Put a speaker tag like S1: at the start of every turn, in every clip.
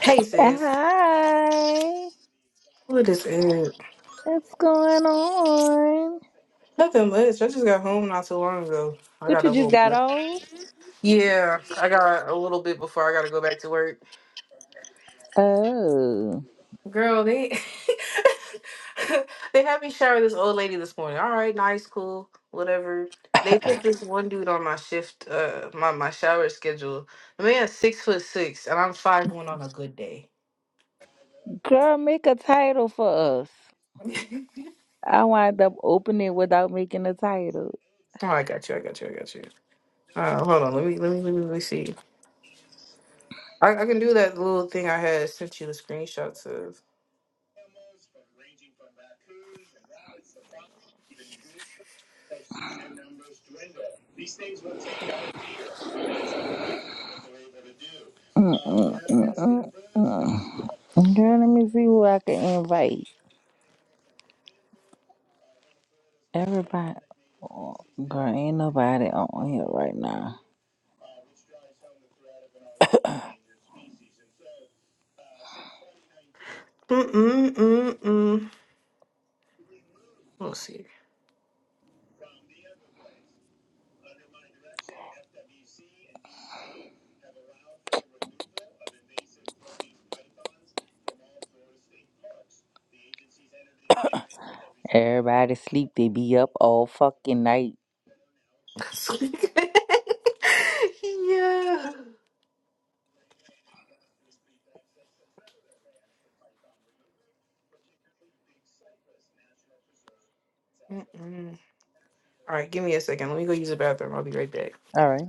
S1: Hey sis,
S2: Hi,
S1: what is it?
S2: what's going on?
S1: Nothing much. I just got home not too long ago. I
S2: What
S1: got a
S2: you just
S1: little
S2: got
S1: bit.
S2: on?
S1: Yeah, I got a little bit before I got to go back to work.
S2: Oh,
S1: Girl, they they had me shower this old lady this morning. All right, nice, cool, whatever. They put this one dude on my shift, uh, my my shower schedule. The man's six foot six, and I'm five one on a good day.
S2: girl, make a title for us.
S1: oh,
S2: I wind up opening without making a title.
S1: I got you. I got you. I got you. Uh, hold on. Let me let me let me, let me see. I, I can do that little thing I had sent you the screenshots of.
S2: Mm-mm, mm-mm, Girl, let me see who I can invite. Everybody, oh, girl, ain't nobody on here right now.
S1: Mm-mm-mm-mm. Let's see.
S2: Everybody sleep. They be up all fucking night.
S1: yeah. Mm-mm. All right, give me a second. Let me go use the bathroom. I'll be right back.
S2: All right.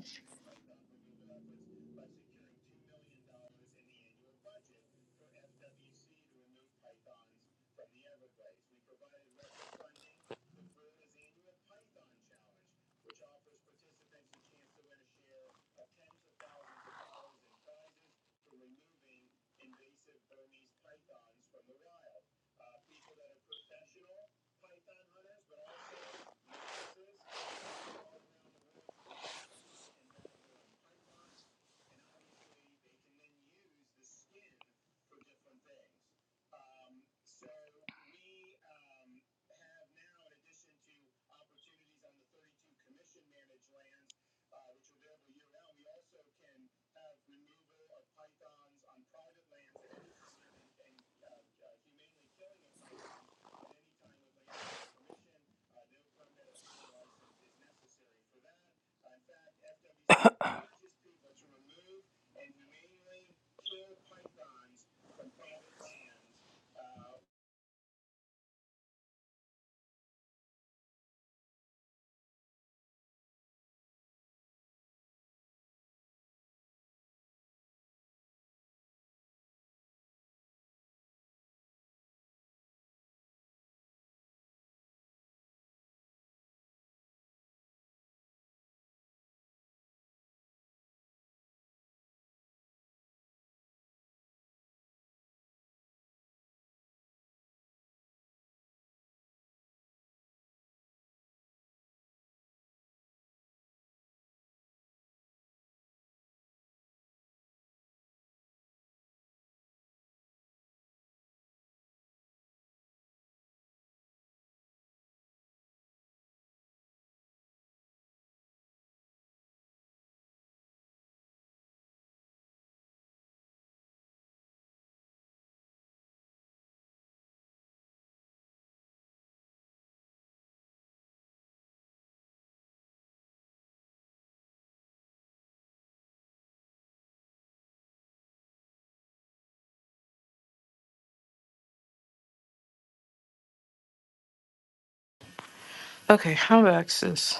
S1: Okay, I'm back, sis.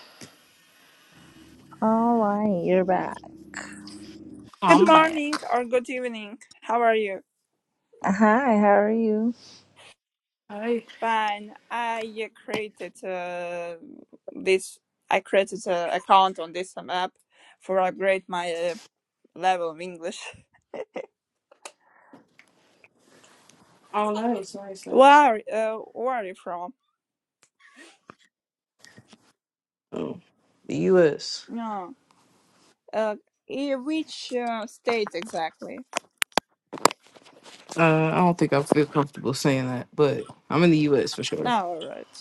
S2: All right, All right, you're back.
S3: Good
S1: I'm back.
S3: morning or good evening. How are you?
S2: Hi, how are you?
S1: Hi.
S3: Fine. I uh, created uh, this. I created an account on this app for upgrade my uh, level of English.
S1: Oh, nice, nice, nice.
S3: Where uh, where are you from?
S1: Oh, the U.S.
S3: No. Uh, in which uh, state exactly?
S1: Uh, I don't think I feel comfortable saying that, but I'm in the U.S. for sure.
S3: No, alright.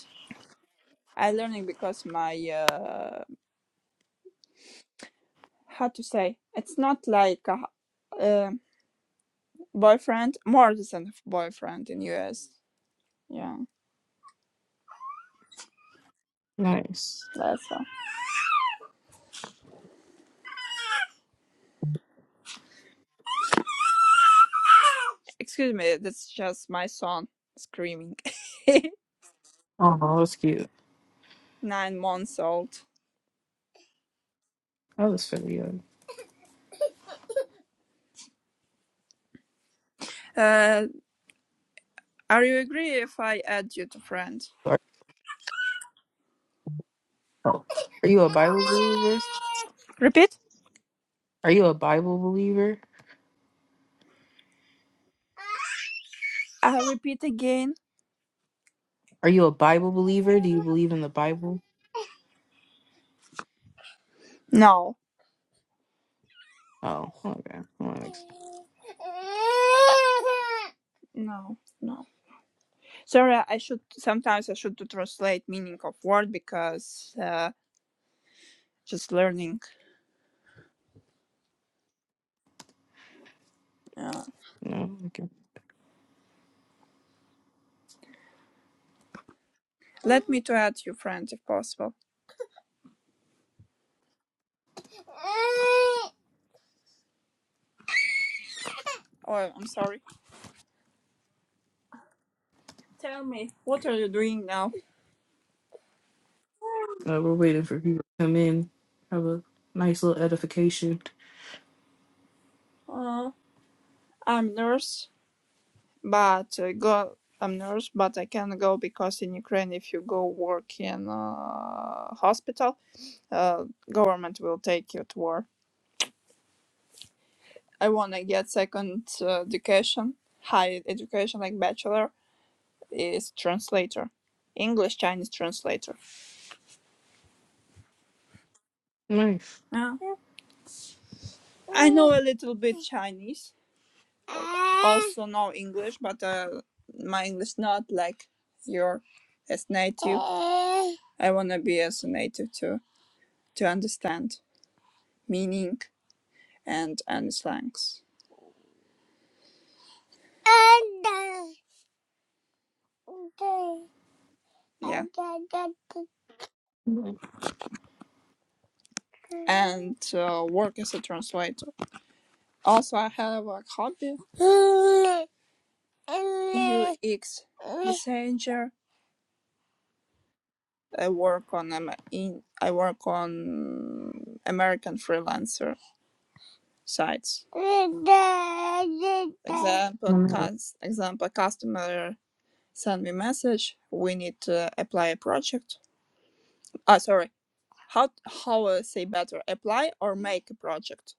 S3: I learning because my uh, how to say it's not like a uh, boyfriend, more than a boyfriend in US. Yeah,
S1: Nice.
S3: that's all. Excuse me, that's just my son screaming.
S1: Oh, that's cute.
S3: Nine months old.
S1: That was fairly young.
S3: Uh, are you agree if I add you to friend?
S1: Are, are you a Bible believer?
S3: Repeat?
S1: Are you a Bible believer?
S3: I repeat again.
S1: Are you a Bible believer? Do you believe in the Bible?
S3: No.
S1: Oh, okay. Well, that makes-
S3: No, no. Sorry, I should sometimes I should to translate meaning of word because uh, just learning. Uh,
S1: No, okay.
S3: let me to add you friend if possible. Oh, I'm sorry. Tell me, what are you doing now?
S1: Uh, we're waiting for people to come in. Have a nice little edification.
S3: Uh, I'm nurse, but uh, go. I'm nurse, but I can't go because in Ukraine, if you go work in uh, hospital, uh, government will take you to war. I wanna get second uh, education, high education like bachelor is translator, English Chinese translator.
S1: Nice.
S3: Yeah. I know a little bit Chinese, also know English, but uh, my English not like your as native. I wanna be as a native too to understand meaning and and slangs. Yeah. And uh, work as a translator. Also, I have a hobby. UX messenger. I work on Am- in I work on American freelancer sites. Example, cus- example customer send me message. We need to apply a project. Ah, sorry. How how uh, say better apply or make a project?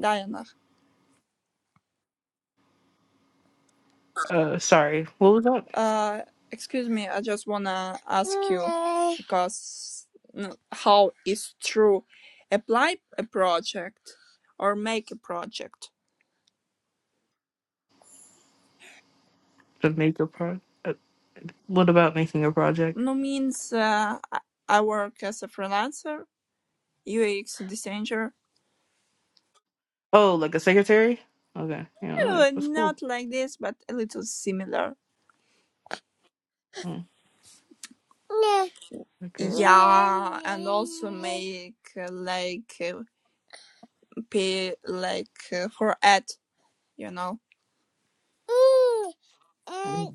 S3: Diana,
S1: Uh, sorry. What was that?
S3: uh, excuse me. I just wanna ask you because mm, how is true apply a project or make a project?
S1: The makeup pro. Uh, what about making a project?
S3: No means uh, I I work as a freelancer, UX designer,
S1: Oh, like a secretary? Okay. Yeah, like,
S3: Uh,
S1: that's cool.
S3: not like this, but a little similar.
S1: Mm,
S3: No.
S1: that's crazy.
S3: Yeah, and also make uh, like uh, pay like uh, for ad, you know, Mm. And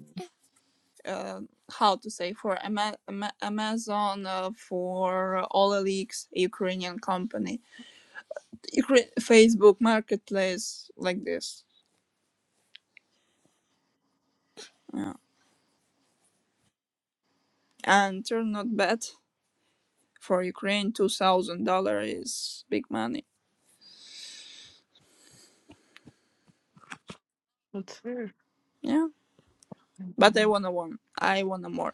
S3: uh, how to say for Ama- Ama- Amazon, uh, for OLX, Ukrainian company, Ukra- Facebook Marketplace, like this. Yeah. And turn not bad for Ukraine, two thousand dollar is big money.
S1: That's fair.
S3: Yeah. But I wanna one. I wanna more.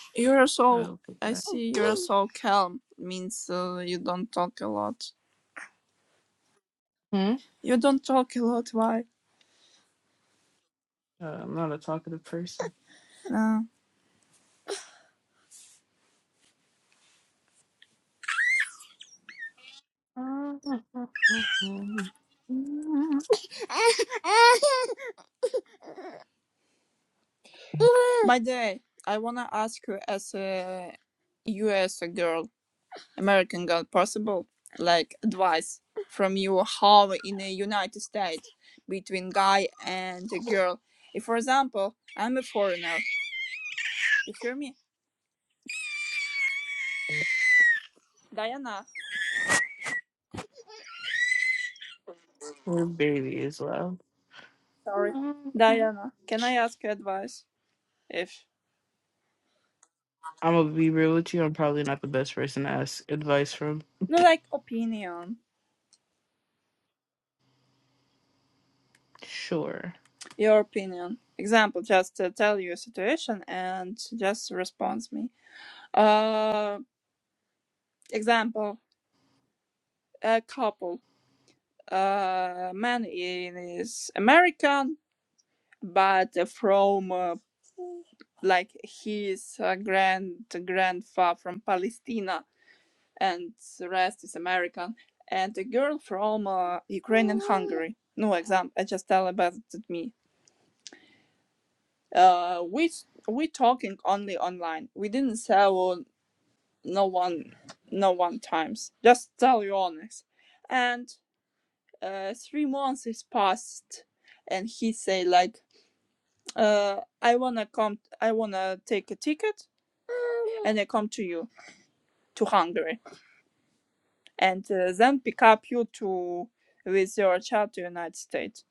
S3: You're
S1: I
S3: so.
S1: don't think
S3: I
S1: that.
S3: see you're so calm. Means uh, you don't talk a lot.
S1: Hmm?
S3: You don't talk a lot. Why?
S1: Uh, I'm not a talkative person.
S3: Uh,
S1: Her
S3: by the way, I wanna ask you as a you as a girl, American girl, possible like advice from you how in the United States between guy and a girl. If for example I'm a foreigner, you hear me, Diana?
S1: baby as well.
S3: Sorry.
S1: I'm
S3: Diana, can I ask your advice? If
S1: gonna be real with you. I'm probably not the best person to ask advice from.
S3: no, like opinion,
S1: Sure.
S3: your opinion. Example, just uh, tell you a situation and just respond me. Uh, example, a couple. Uh, man is American, but from uh, like his uh, grand grandfather from Palestine. and the rest is American. And a girl from uh, Ukraine and Hungary. No exam. I just tell about me. Uh, we we talking only online. We didn't sell no one, no one times. Just tell you honest. And uh, three months is passed, and he say like, uh, I wanna come. I wanna take a ticket, and I come to you to Hungary and uh, then pick up you to with your child to United States.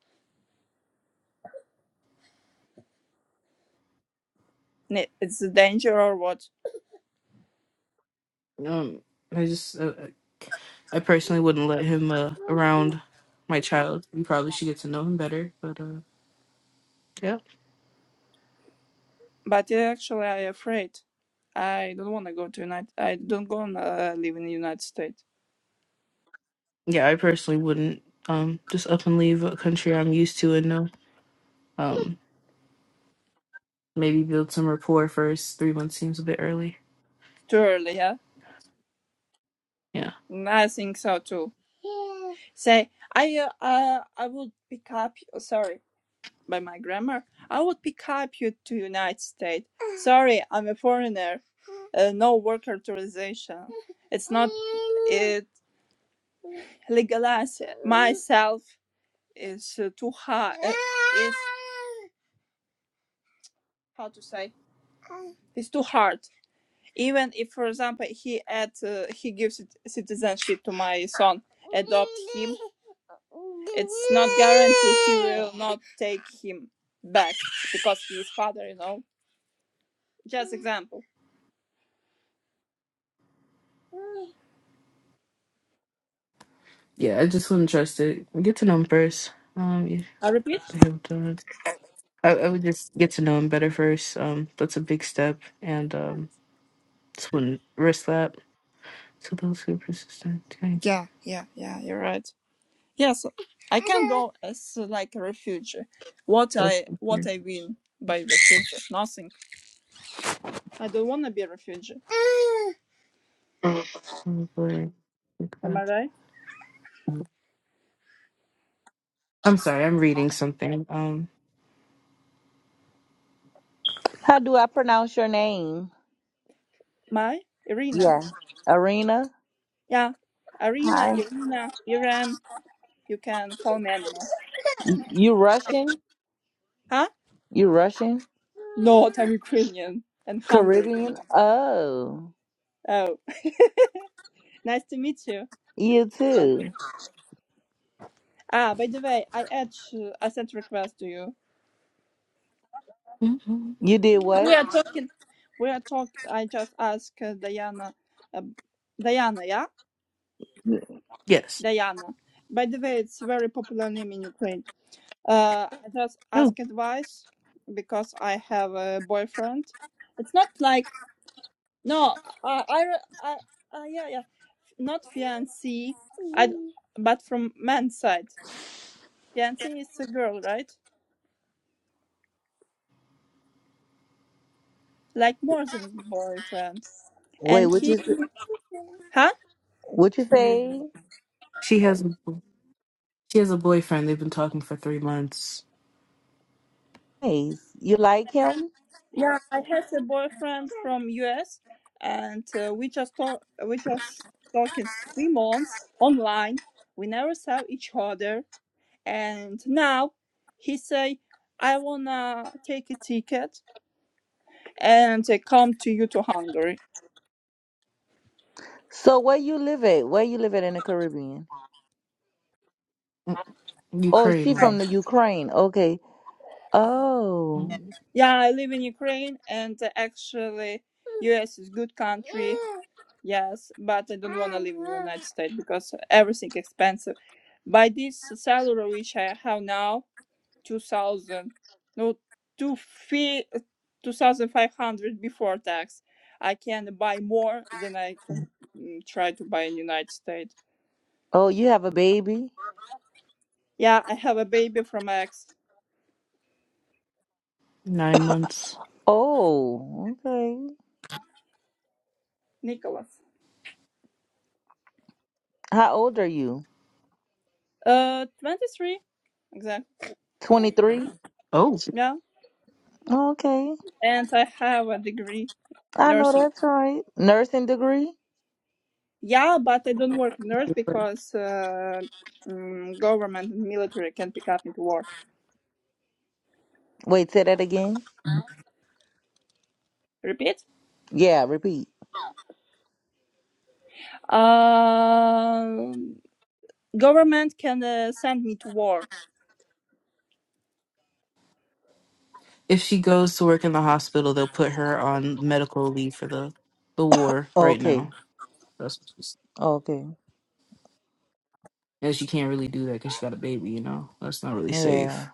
S3: It's a danger or what?
S1: Um, I just, uh, I personally wouldn't let him uh, around my child. You probably should get to know him better. But uh, yeah,
S3: But yeah, actually, I afraid. I don't want to go to United. I don't gonna live in the United States.
S1: yeah, I personally wouldn't um just up and leave a country I'm used to and know. Um, maybe build some rapport first. Three months seems a bit early.
S3: Too early, yeah.
S1: Yeah.
S3: I think so too. Yeah. Say, I uh, uh, I would pick up. You, Sorry, by my grammar, I would pick up you to United States. Sorry, I'm a foreigner. Uh, no work authorization. It's not. It Legalize myself is uh, too hard. Uh, is how to say? It's too hard. Even if, for example, he add uh, he gives citizenship to my son, adopt him. It's not guaranteed he will not take him back because he is father. You know, just example.
S1: Yeah, I just wouldn't trust it. Get to know him first. Um, yeah,
S3: I repeat.
S1: they have done. I, I would just get to know him better first. Um, that's a big step, and um, just wouldn't risk that. So those who are persistent, okay.
S3: Yeah, yeah, yeah. You're right. Yes, I can go as uh, like a refugee. What
S1: Those
S3: I
S1: who
S3: what
S1: fear,
S3: I win by refugee? Nothing. I don't want to be a refugee. Am
S1: oh, boy.
S3: I
S1: Because-
S3: right?
S1: I'm sorry, I'm reading something. Um,
S2: How do I pronounce your name?
S3: My Irina.
S2: Yeah. Arena.
S3: Yeah, Irina,
S2: Hi.
S3: Irina, Iran. You can call me animal.
S2: You Russian?
S3: Huh?
S2: You Russian?
S3: No, I'm Ukrainian and Hungarian.
S2: Caribbean? Oh.
S3: Oh, nice to meet you.
S2: You
S3: But-
S2: too.
S3: Ah, by the way, I add uh, I sent request to you.
S1: mhm.
S2: You did
S3: We
S2: what?
S3: are talking. We are talk. I just asked uh, Diana. Uh, Diana, yeah.
S1: yes.
S3: Diana. By the way, it's a very popular name in Ukraine. Uh, I just
S1: Oh,
S3: ask advice because I have a boyfriend. It's not like no, I, I, I, I yeah, yeah, not fiancé, I, but from man's side. Fiancé is a girl, right? Like more than boyfriend.
S2: Wait,
S3: And
S2: what you
S3: he,
S2: s-
S3: huh?
S2: what you say?
S1: she has a she has a boyfriend. They've been talking for three months.
S2: Nice. You like him?
S3: Yeah, I have a boyfriend from US, and uh, we just talk. We just talk in three months online. We never saw each other, and now he say, "I wanna take a ticket and uh, come to you to Hungary."
S2: So where you live at? Where you live at in the Caribbean?
S1: Mm,
S2: Oh,
S1: Ukraine,
S2: she
S1: mommy.
S2: from the Ukraine. Okay. Oh.
S1: Mm,
S3: Yeah, I live in Ukraine, and uh, actually, US is good country. Yes, but I don't wanna live in the United States because everything expensive. By this salary which I have now. 2000 no two fee, 2500 before tax i can buy more than i can mm, try to buy in united states
S2: Oh, you have a baby?
S3: yeah i have a baby from my ex
S1: Nine months.
S2: Oh, okay.
S3: nicholas
S2: How old are you?
S3: uh 23 exactly
S2: 23?
S1: Oh.
S3: yeah
S2: Okay.
S3: and i have a degree
S2: I know
S3: nursing
S2: that's right. Nursing degree?
S3: yeah but i don't work nurse because uh, mm, government and military can pick up me to war
S2: Wait, say that again.
S3: repeat
S2: Yeah, repeat.
S3: um government can uh, send me to war
S1: if she goes to work in the hospital, they'll put her on medical leave for the the war right
S2: Okay,
S1: now. That's what she's.
S2: okay.
S1: And she can't really do that because she got a baby. You know, that's not really
S2: Yeah.
S1: safe.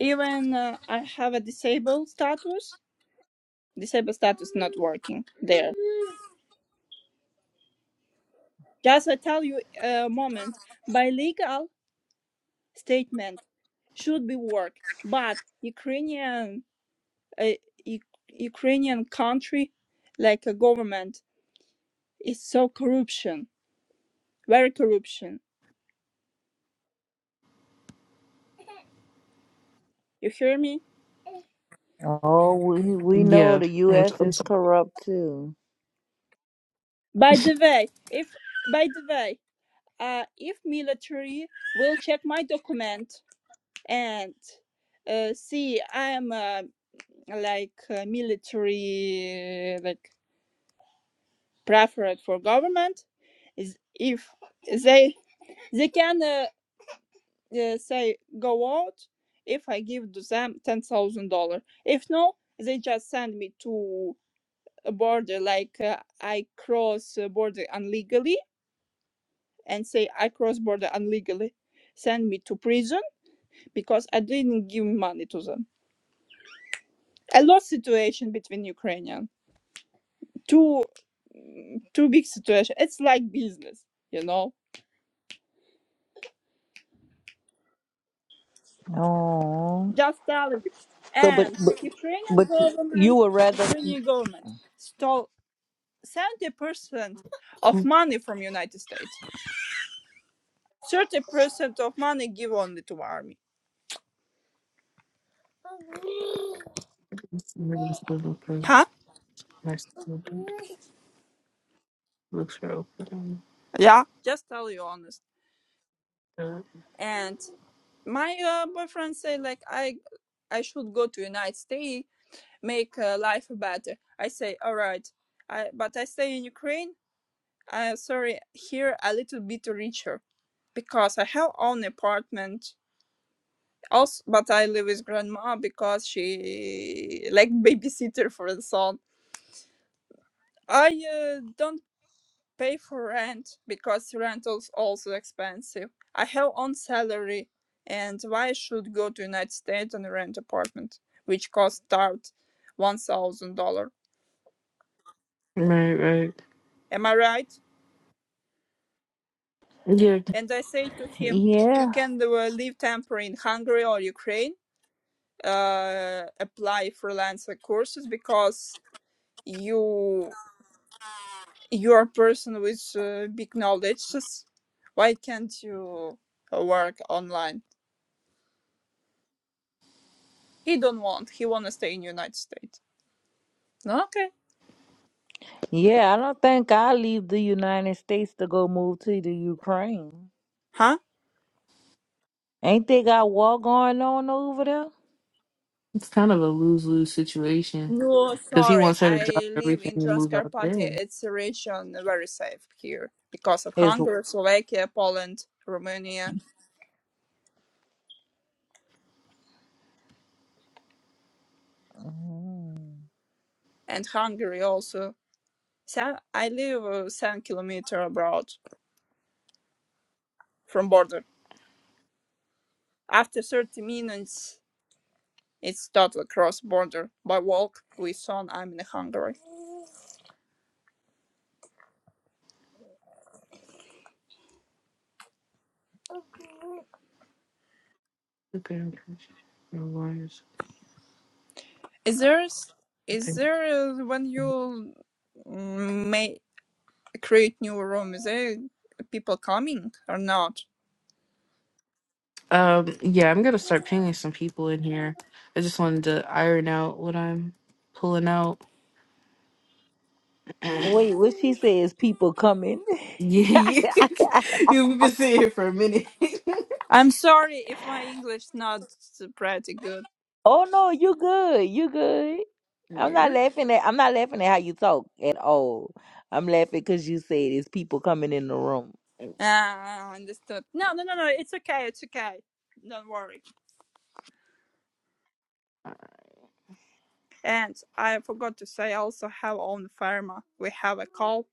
S3: Even uh, I have a disabled status. Disabled status not working there. Just I tell you a moment. By legal statement should be work, but Ukrainian uh, U- Ukrainian country like a government is so corruption, very corruption. You hear me?
S2: Oh, we we know
S1: Yeah,
S2: the
S1: I'm, so,
S2: U.S.
S1: I'm
S2: is
S1: sorry.
S2: corrupt too.
S3: By the way, if by the way, uh, if military will check my document and uh, see I am a like uh, military uh, like preferred for government is if they they can uh, uh, say go out if i give to them ten thousand dollar if no they just send me to a border like uh, i cross a border illegally and say i cross border illegally send me to prison because i didn't give money to them a lot situation between ukrainians too mm, too big situation. It's like business, you know.
S2: Oh,
S3: Just tell you.
S2: so but
S3: And
S2: but,
S3: Ukrainian
S2: but you
S3: government,
S2: would rather?
S3: Ukrainian government stole seventy percent of money from United States. Thirty percent of money give only to army.
S1: Looks for open.
S3: Huh? Yeah. Just tell you honest. And my uh, boyfriend say like I I should go to United States, make uh, life better. I say all right. I, but I stay in Ukraine uh, sorry, here a little bit richer because I have own apartment. Also, but I live with grandma because she like babysitter for the son. I uh, don't pay for rent because rent is also expensive. I have own salary, and why I should go to United States and rent apartment, which cost start one thousand dollar.
S1: Right, right.
S3: Am I right?
S1: Yeah,
S3: And I say to him, you
S2: Yeah,
S3: can uh, live temporary in Hungary or Ukraine uh, apply freelancer courses because you you're a person with uh, big knowledge. Why can't you uh, work online? He don't want. He wanna stay in United States. No, okay.
S2: yeah. I don't think I leave the United States to go move to the Ukraine.
S3: Huh?
S2: Ain't they got war going on over there?
S1: it's kind of a lose lose situation
S3: No,
S1: because he
S3: sorry.
S1: wants her to drop
S3: I live
S1: everything
S3: in
S1: and move out
S3: Transcarpathia.
S1: there.
S3: It's a region very safe here because of
S2: Is
S3: Hungary, Slovakia, Poland, Romania,
S2: mm-hmm.
S3: and Hungary also. So I live uh, seven kilometer abroad from border. After 30 minutes, it's totally cross border by walk with son. I'm in Hungary.
S1: Okay,
S3: Is there, is there uh, when you mm, may create new room? Is there people coming or not?
S1: Um, yeah, I'm gonna start pinging some people in here. I just wanted to iron out what I'm pulling out. yeah,
S2: wait, what she says? People coming.
S1: yeah. yeah, we've been sitting here for a minute. yeah.
S3: I'm sorry if my English not pretty good.
S2: Oh no, you good. You good. I'm not
S1: you're
S2: laughing at I'm not laughing at how you talk at all. I'm laughing because you said it's people coming in the room.
S3: Ah, understood. No, no, no, no. It's okay. It's okay. Don't worry. And I forgot to say, I also have own farm. uh, We have a cow,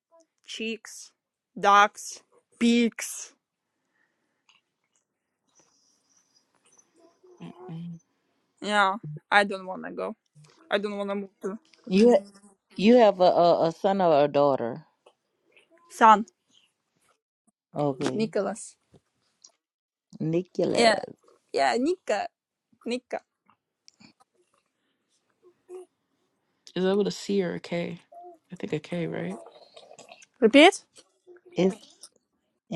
S3: chicks, ducks, pigs.
S1: fine.
S3: Yeah, I don't wanna go. I don't wanna move to
S2: You you have a, a, a son or a daughter.
S3: San
S2: Okay.
S3: Nicholas. Yeah,
S2: Nicholas.
S3: yeah, Nika, Nika.
S1: Is that with a C or a K? I think a K, right?
S3: Repeat.
S2: It's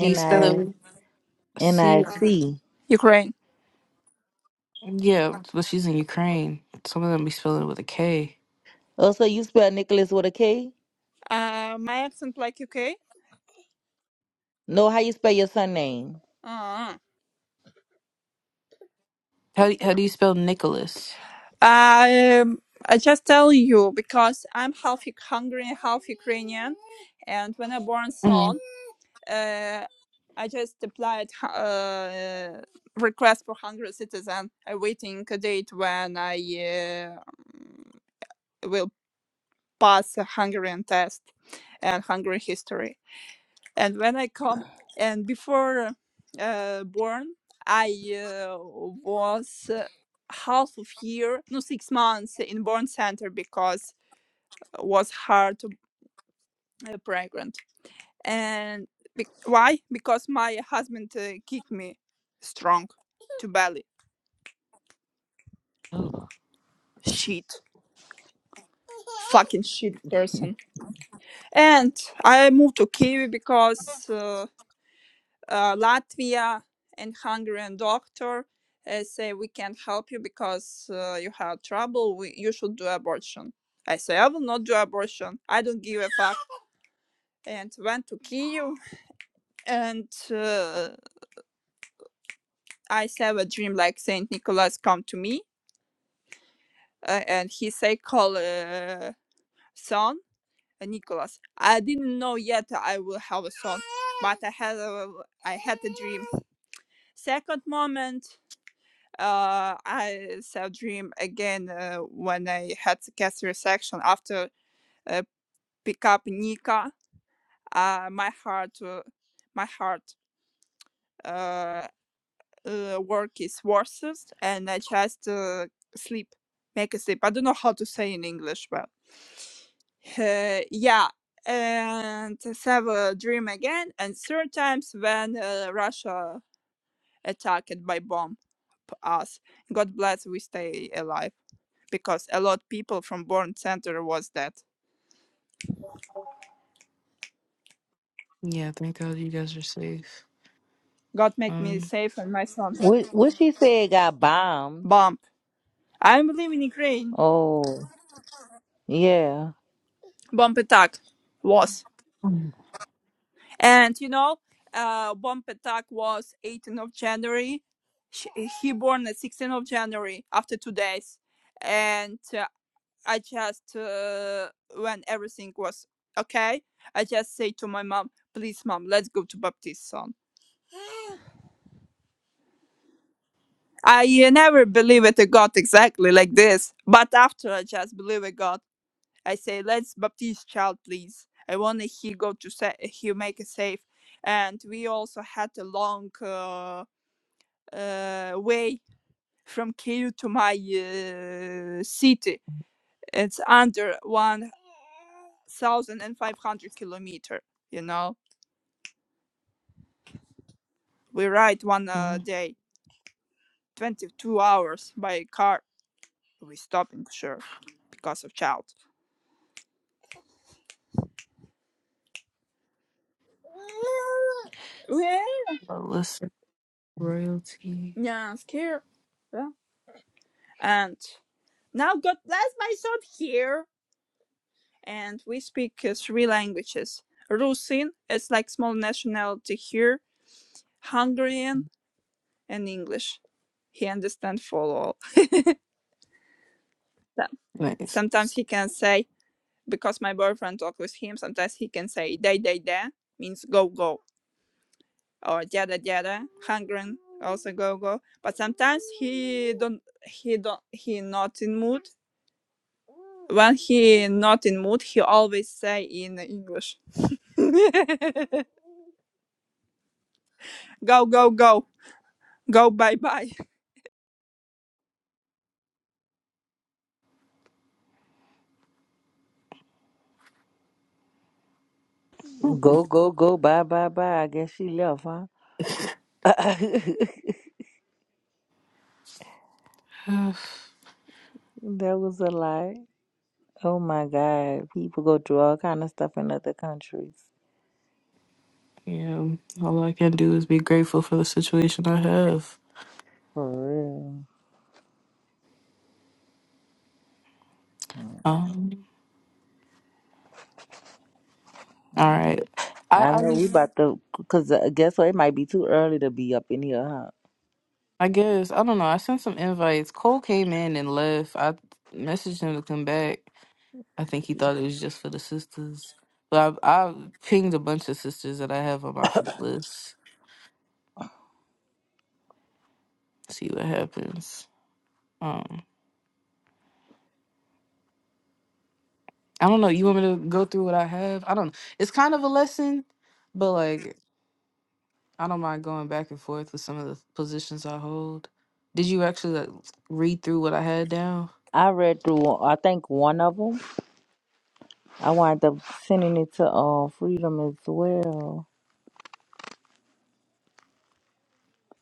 S1: Do you spell it
S2: I
S1: with a
S2: N
S1: C?
S2: I
S1: or-
S2: C.
S3: Ukraine.
S1: Yeah, but she's in Ukraine. Some of them be spelling it with a K.
S2: Oh, so you spell Nicholas with a K?
S3: Uh, my accent like UK.
S2: No, how you spell your son name?
S3: Uh,
S1: How how do you spell Nicholas?
S3: I, um, I just tell you because I'm half Hungarian, half Ukrainian, and when I born
S1: hmm
S3: son. uh, I just applied uh, request for Hungary citizen, awaiting a date when I uh, um, will pass a Hungarian test and Hungary history. And when I come and before uh, born, I uh, was uh, half of year, no six months in born center because was hard to uh, pregnant and be- why because my husband uh, kicked me strong to belly
S1: Oh,
S3: shit fucking shit person and i moved to Kyiv because uh, uh, latvia and hungarian doctor uh, say we can't help you because uh, you have trouble we, you should do abortion i say i will not do abortion i don't give a fuck and went to Kyiv. and uh, i have a dream like saint nicholas come to me uh, and his psychol uh, son uh, Nicholas. I didn't know yet I will have a son, but I had a, I had a dream. Second moment, uh, I saw dream again uh, when I had the catheter section after uh, pick up Nika. Uh, my heart, uh, my heart. Uh, uh, work is worstest and I just uh, sleep, make a sleep. I don't know how to say in English, but uh, yeah. And have a dream again. And third times when uh, Russia attacked by bomb us. God bless we stay alive because a lot people from Born Center was dead.
S1: yeah. Thank God you guys are safe.
S3: God make me
S1: Um,
S3: safe and my son.
S2: What what she said got bombed.
S3: Bomb. I'm living in Ukraine.
S2: Oh. Yeah.
S3: Bomb attack was.
S1: mm,
S3: And you know, uh, bomb attack was 18th of January. Sh he born at 16th of January after two days, and uh, I just uh, when everything was okay, I just say to my mom, "Please, mom, let's go to Baptist son." I uh, never believe it a God exactly like this, but after I just believe a God, I say, "Let's Baptist child, please." I want he go to sa- he make a safe, and we also had a long. uh, uh, way from Kyiv to my uh, city. It's under 1,500 kilometer. You know, we ride one uh,
S1: well,
S3: day, 22 hours by car. We stop in sure because of child. Well,
S1: listen, royalty.
S3: yeah, scared. Yeah. And now God bless my son here. And we speak uh, three languages. Rusin, it's like small nationality here. Hungarian, and English. He understands for all.
S1: Nice.
S3: Sometimes he can say, because my boyfriend talk with him, sometimes he can say, day, day, day, means go, go, or jada, jada, hungry, also go, go. But sometimes he don't, he don't, he not in mood. When he not in mood, he always say in English, go, go, go, go, bye, bye.
S2: Go, go, go, bye, bye, bye. I guess she left, huh?
S1: Uh,
S2: That was a lot. Oh my God. People go through all kind of stuff in other countries.
S1: yeah. All I can do is be grateful for the situation I have.
S2: For real.
S1: Um. All right.
S2: I
S1: I I
S2: know we
S1: just
S2: about to, because guess what? It might be too early to be up in here, huh?
S1: I guess I don't know. I sent some invites. Cole came in and left. I messaged him to come back. I think he thought it was just for the sisters. But I I pinged a bunch of sisters that I have on my friend list. See what happens. Um. I don't know. You want me to go through what I have? I don't. know. It's kind of a lesson, but like I don't mind going back and forth with some of the positions I hold. Did you actually like, read through what I had down?
S2: I read through, I think, one of them. I wound up sending it to uh, Freedom as well.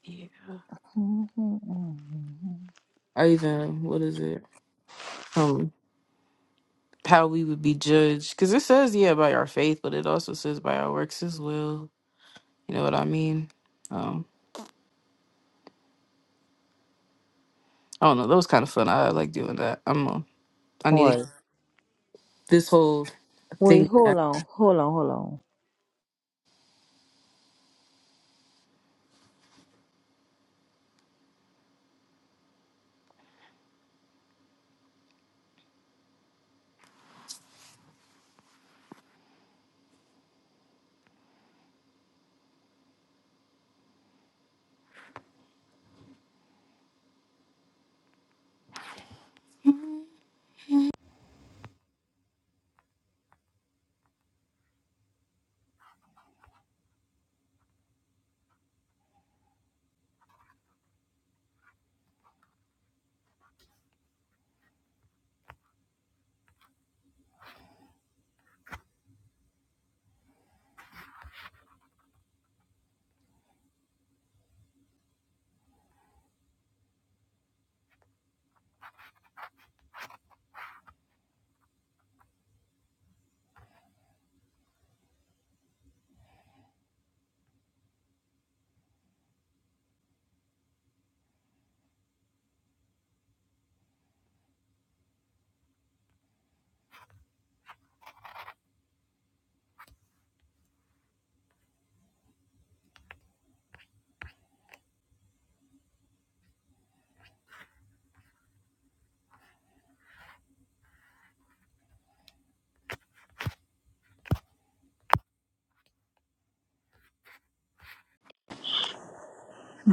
S1: Yeah. Or even what is it? Um, how we would be judged? Because it says yeah by our faith, but it also says by our works as well. You know what I mean? Um, I don't know. That was kind of fun. I like doing that. I'm. A, i am I need to,
S2: What?
S1: this whole
S2: Wait,
S1: thing.
S2: hold on, hold on, hold on.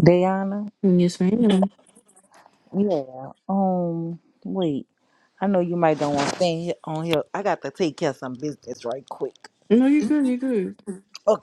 S2: Diana?
S1: Yes, ma'am.
S2: Yeah. Um, wait. I know you might don't want to stay here- on here. I got to take care of some business right quick.
S1: No, you're good. You're good.
S2: Okay.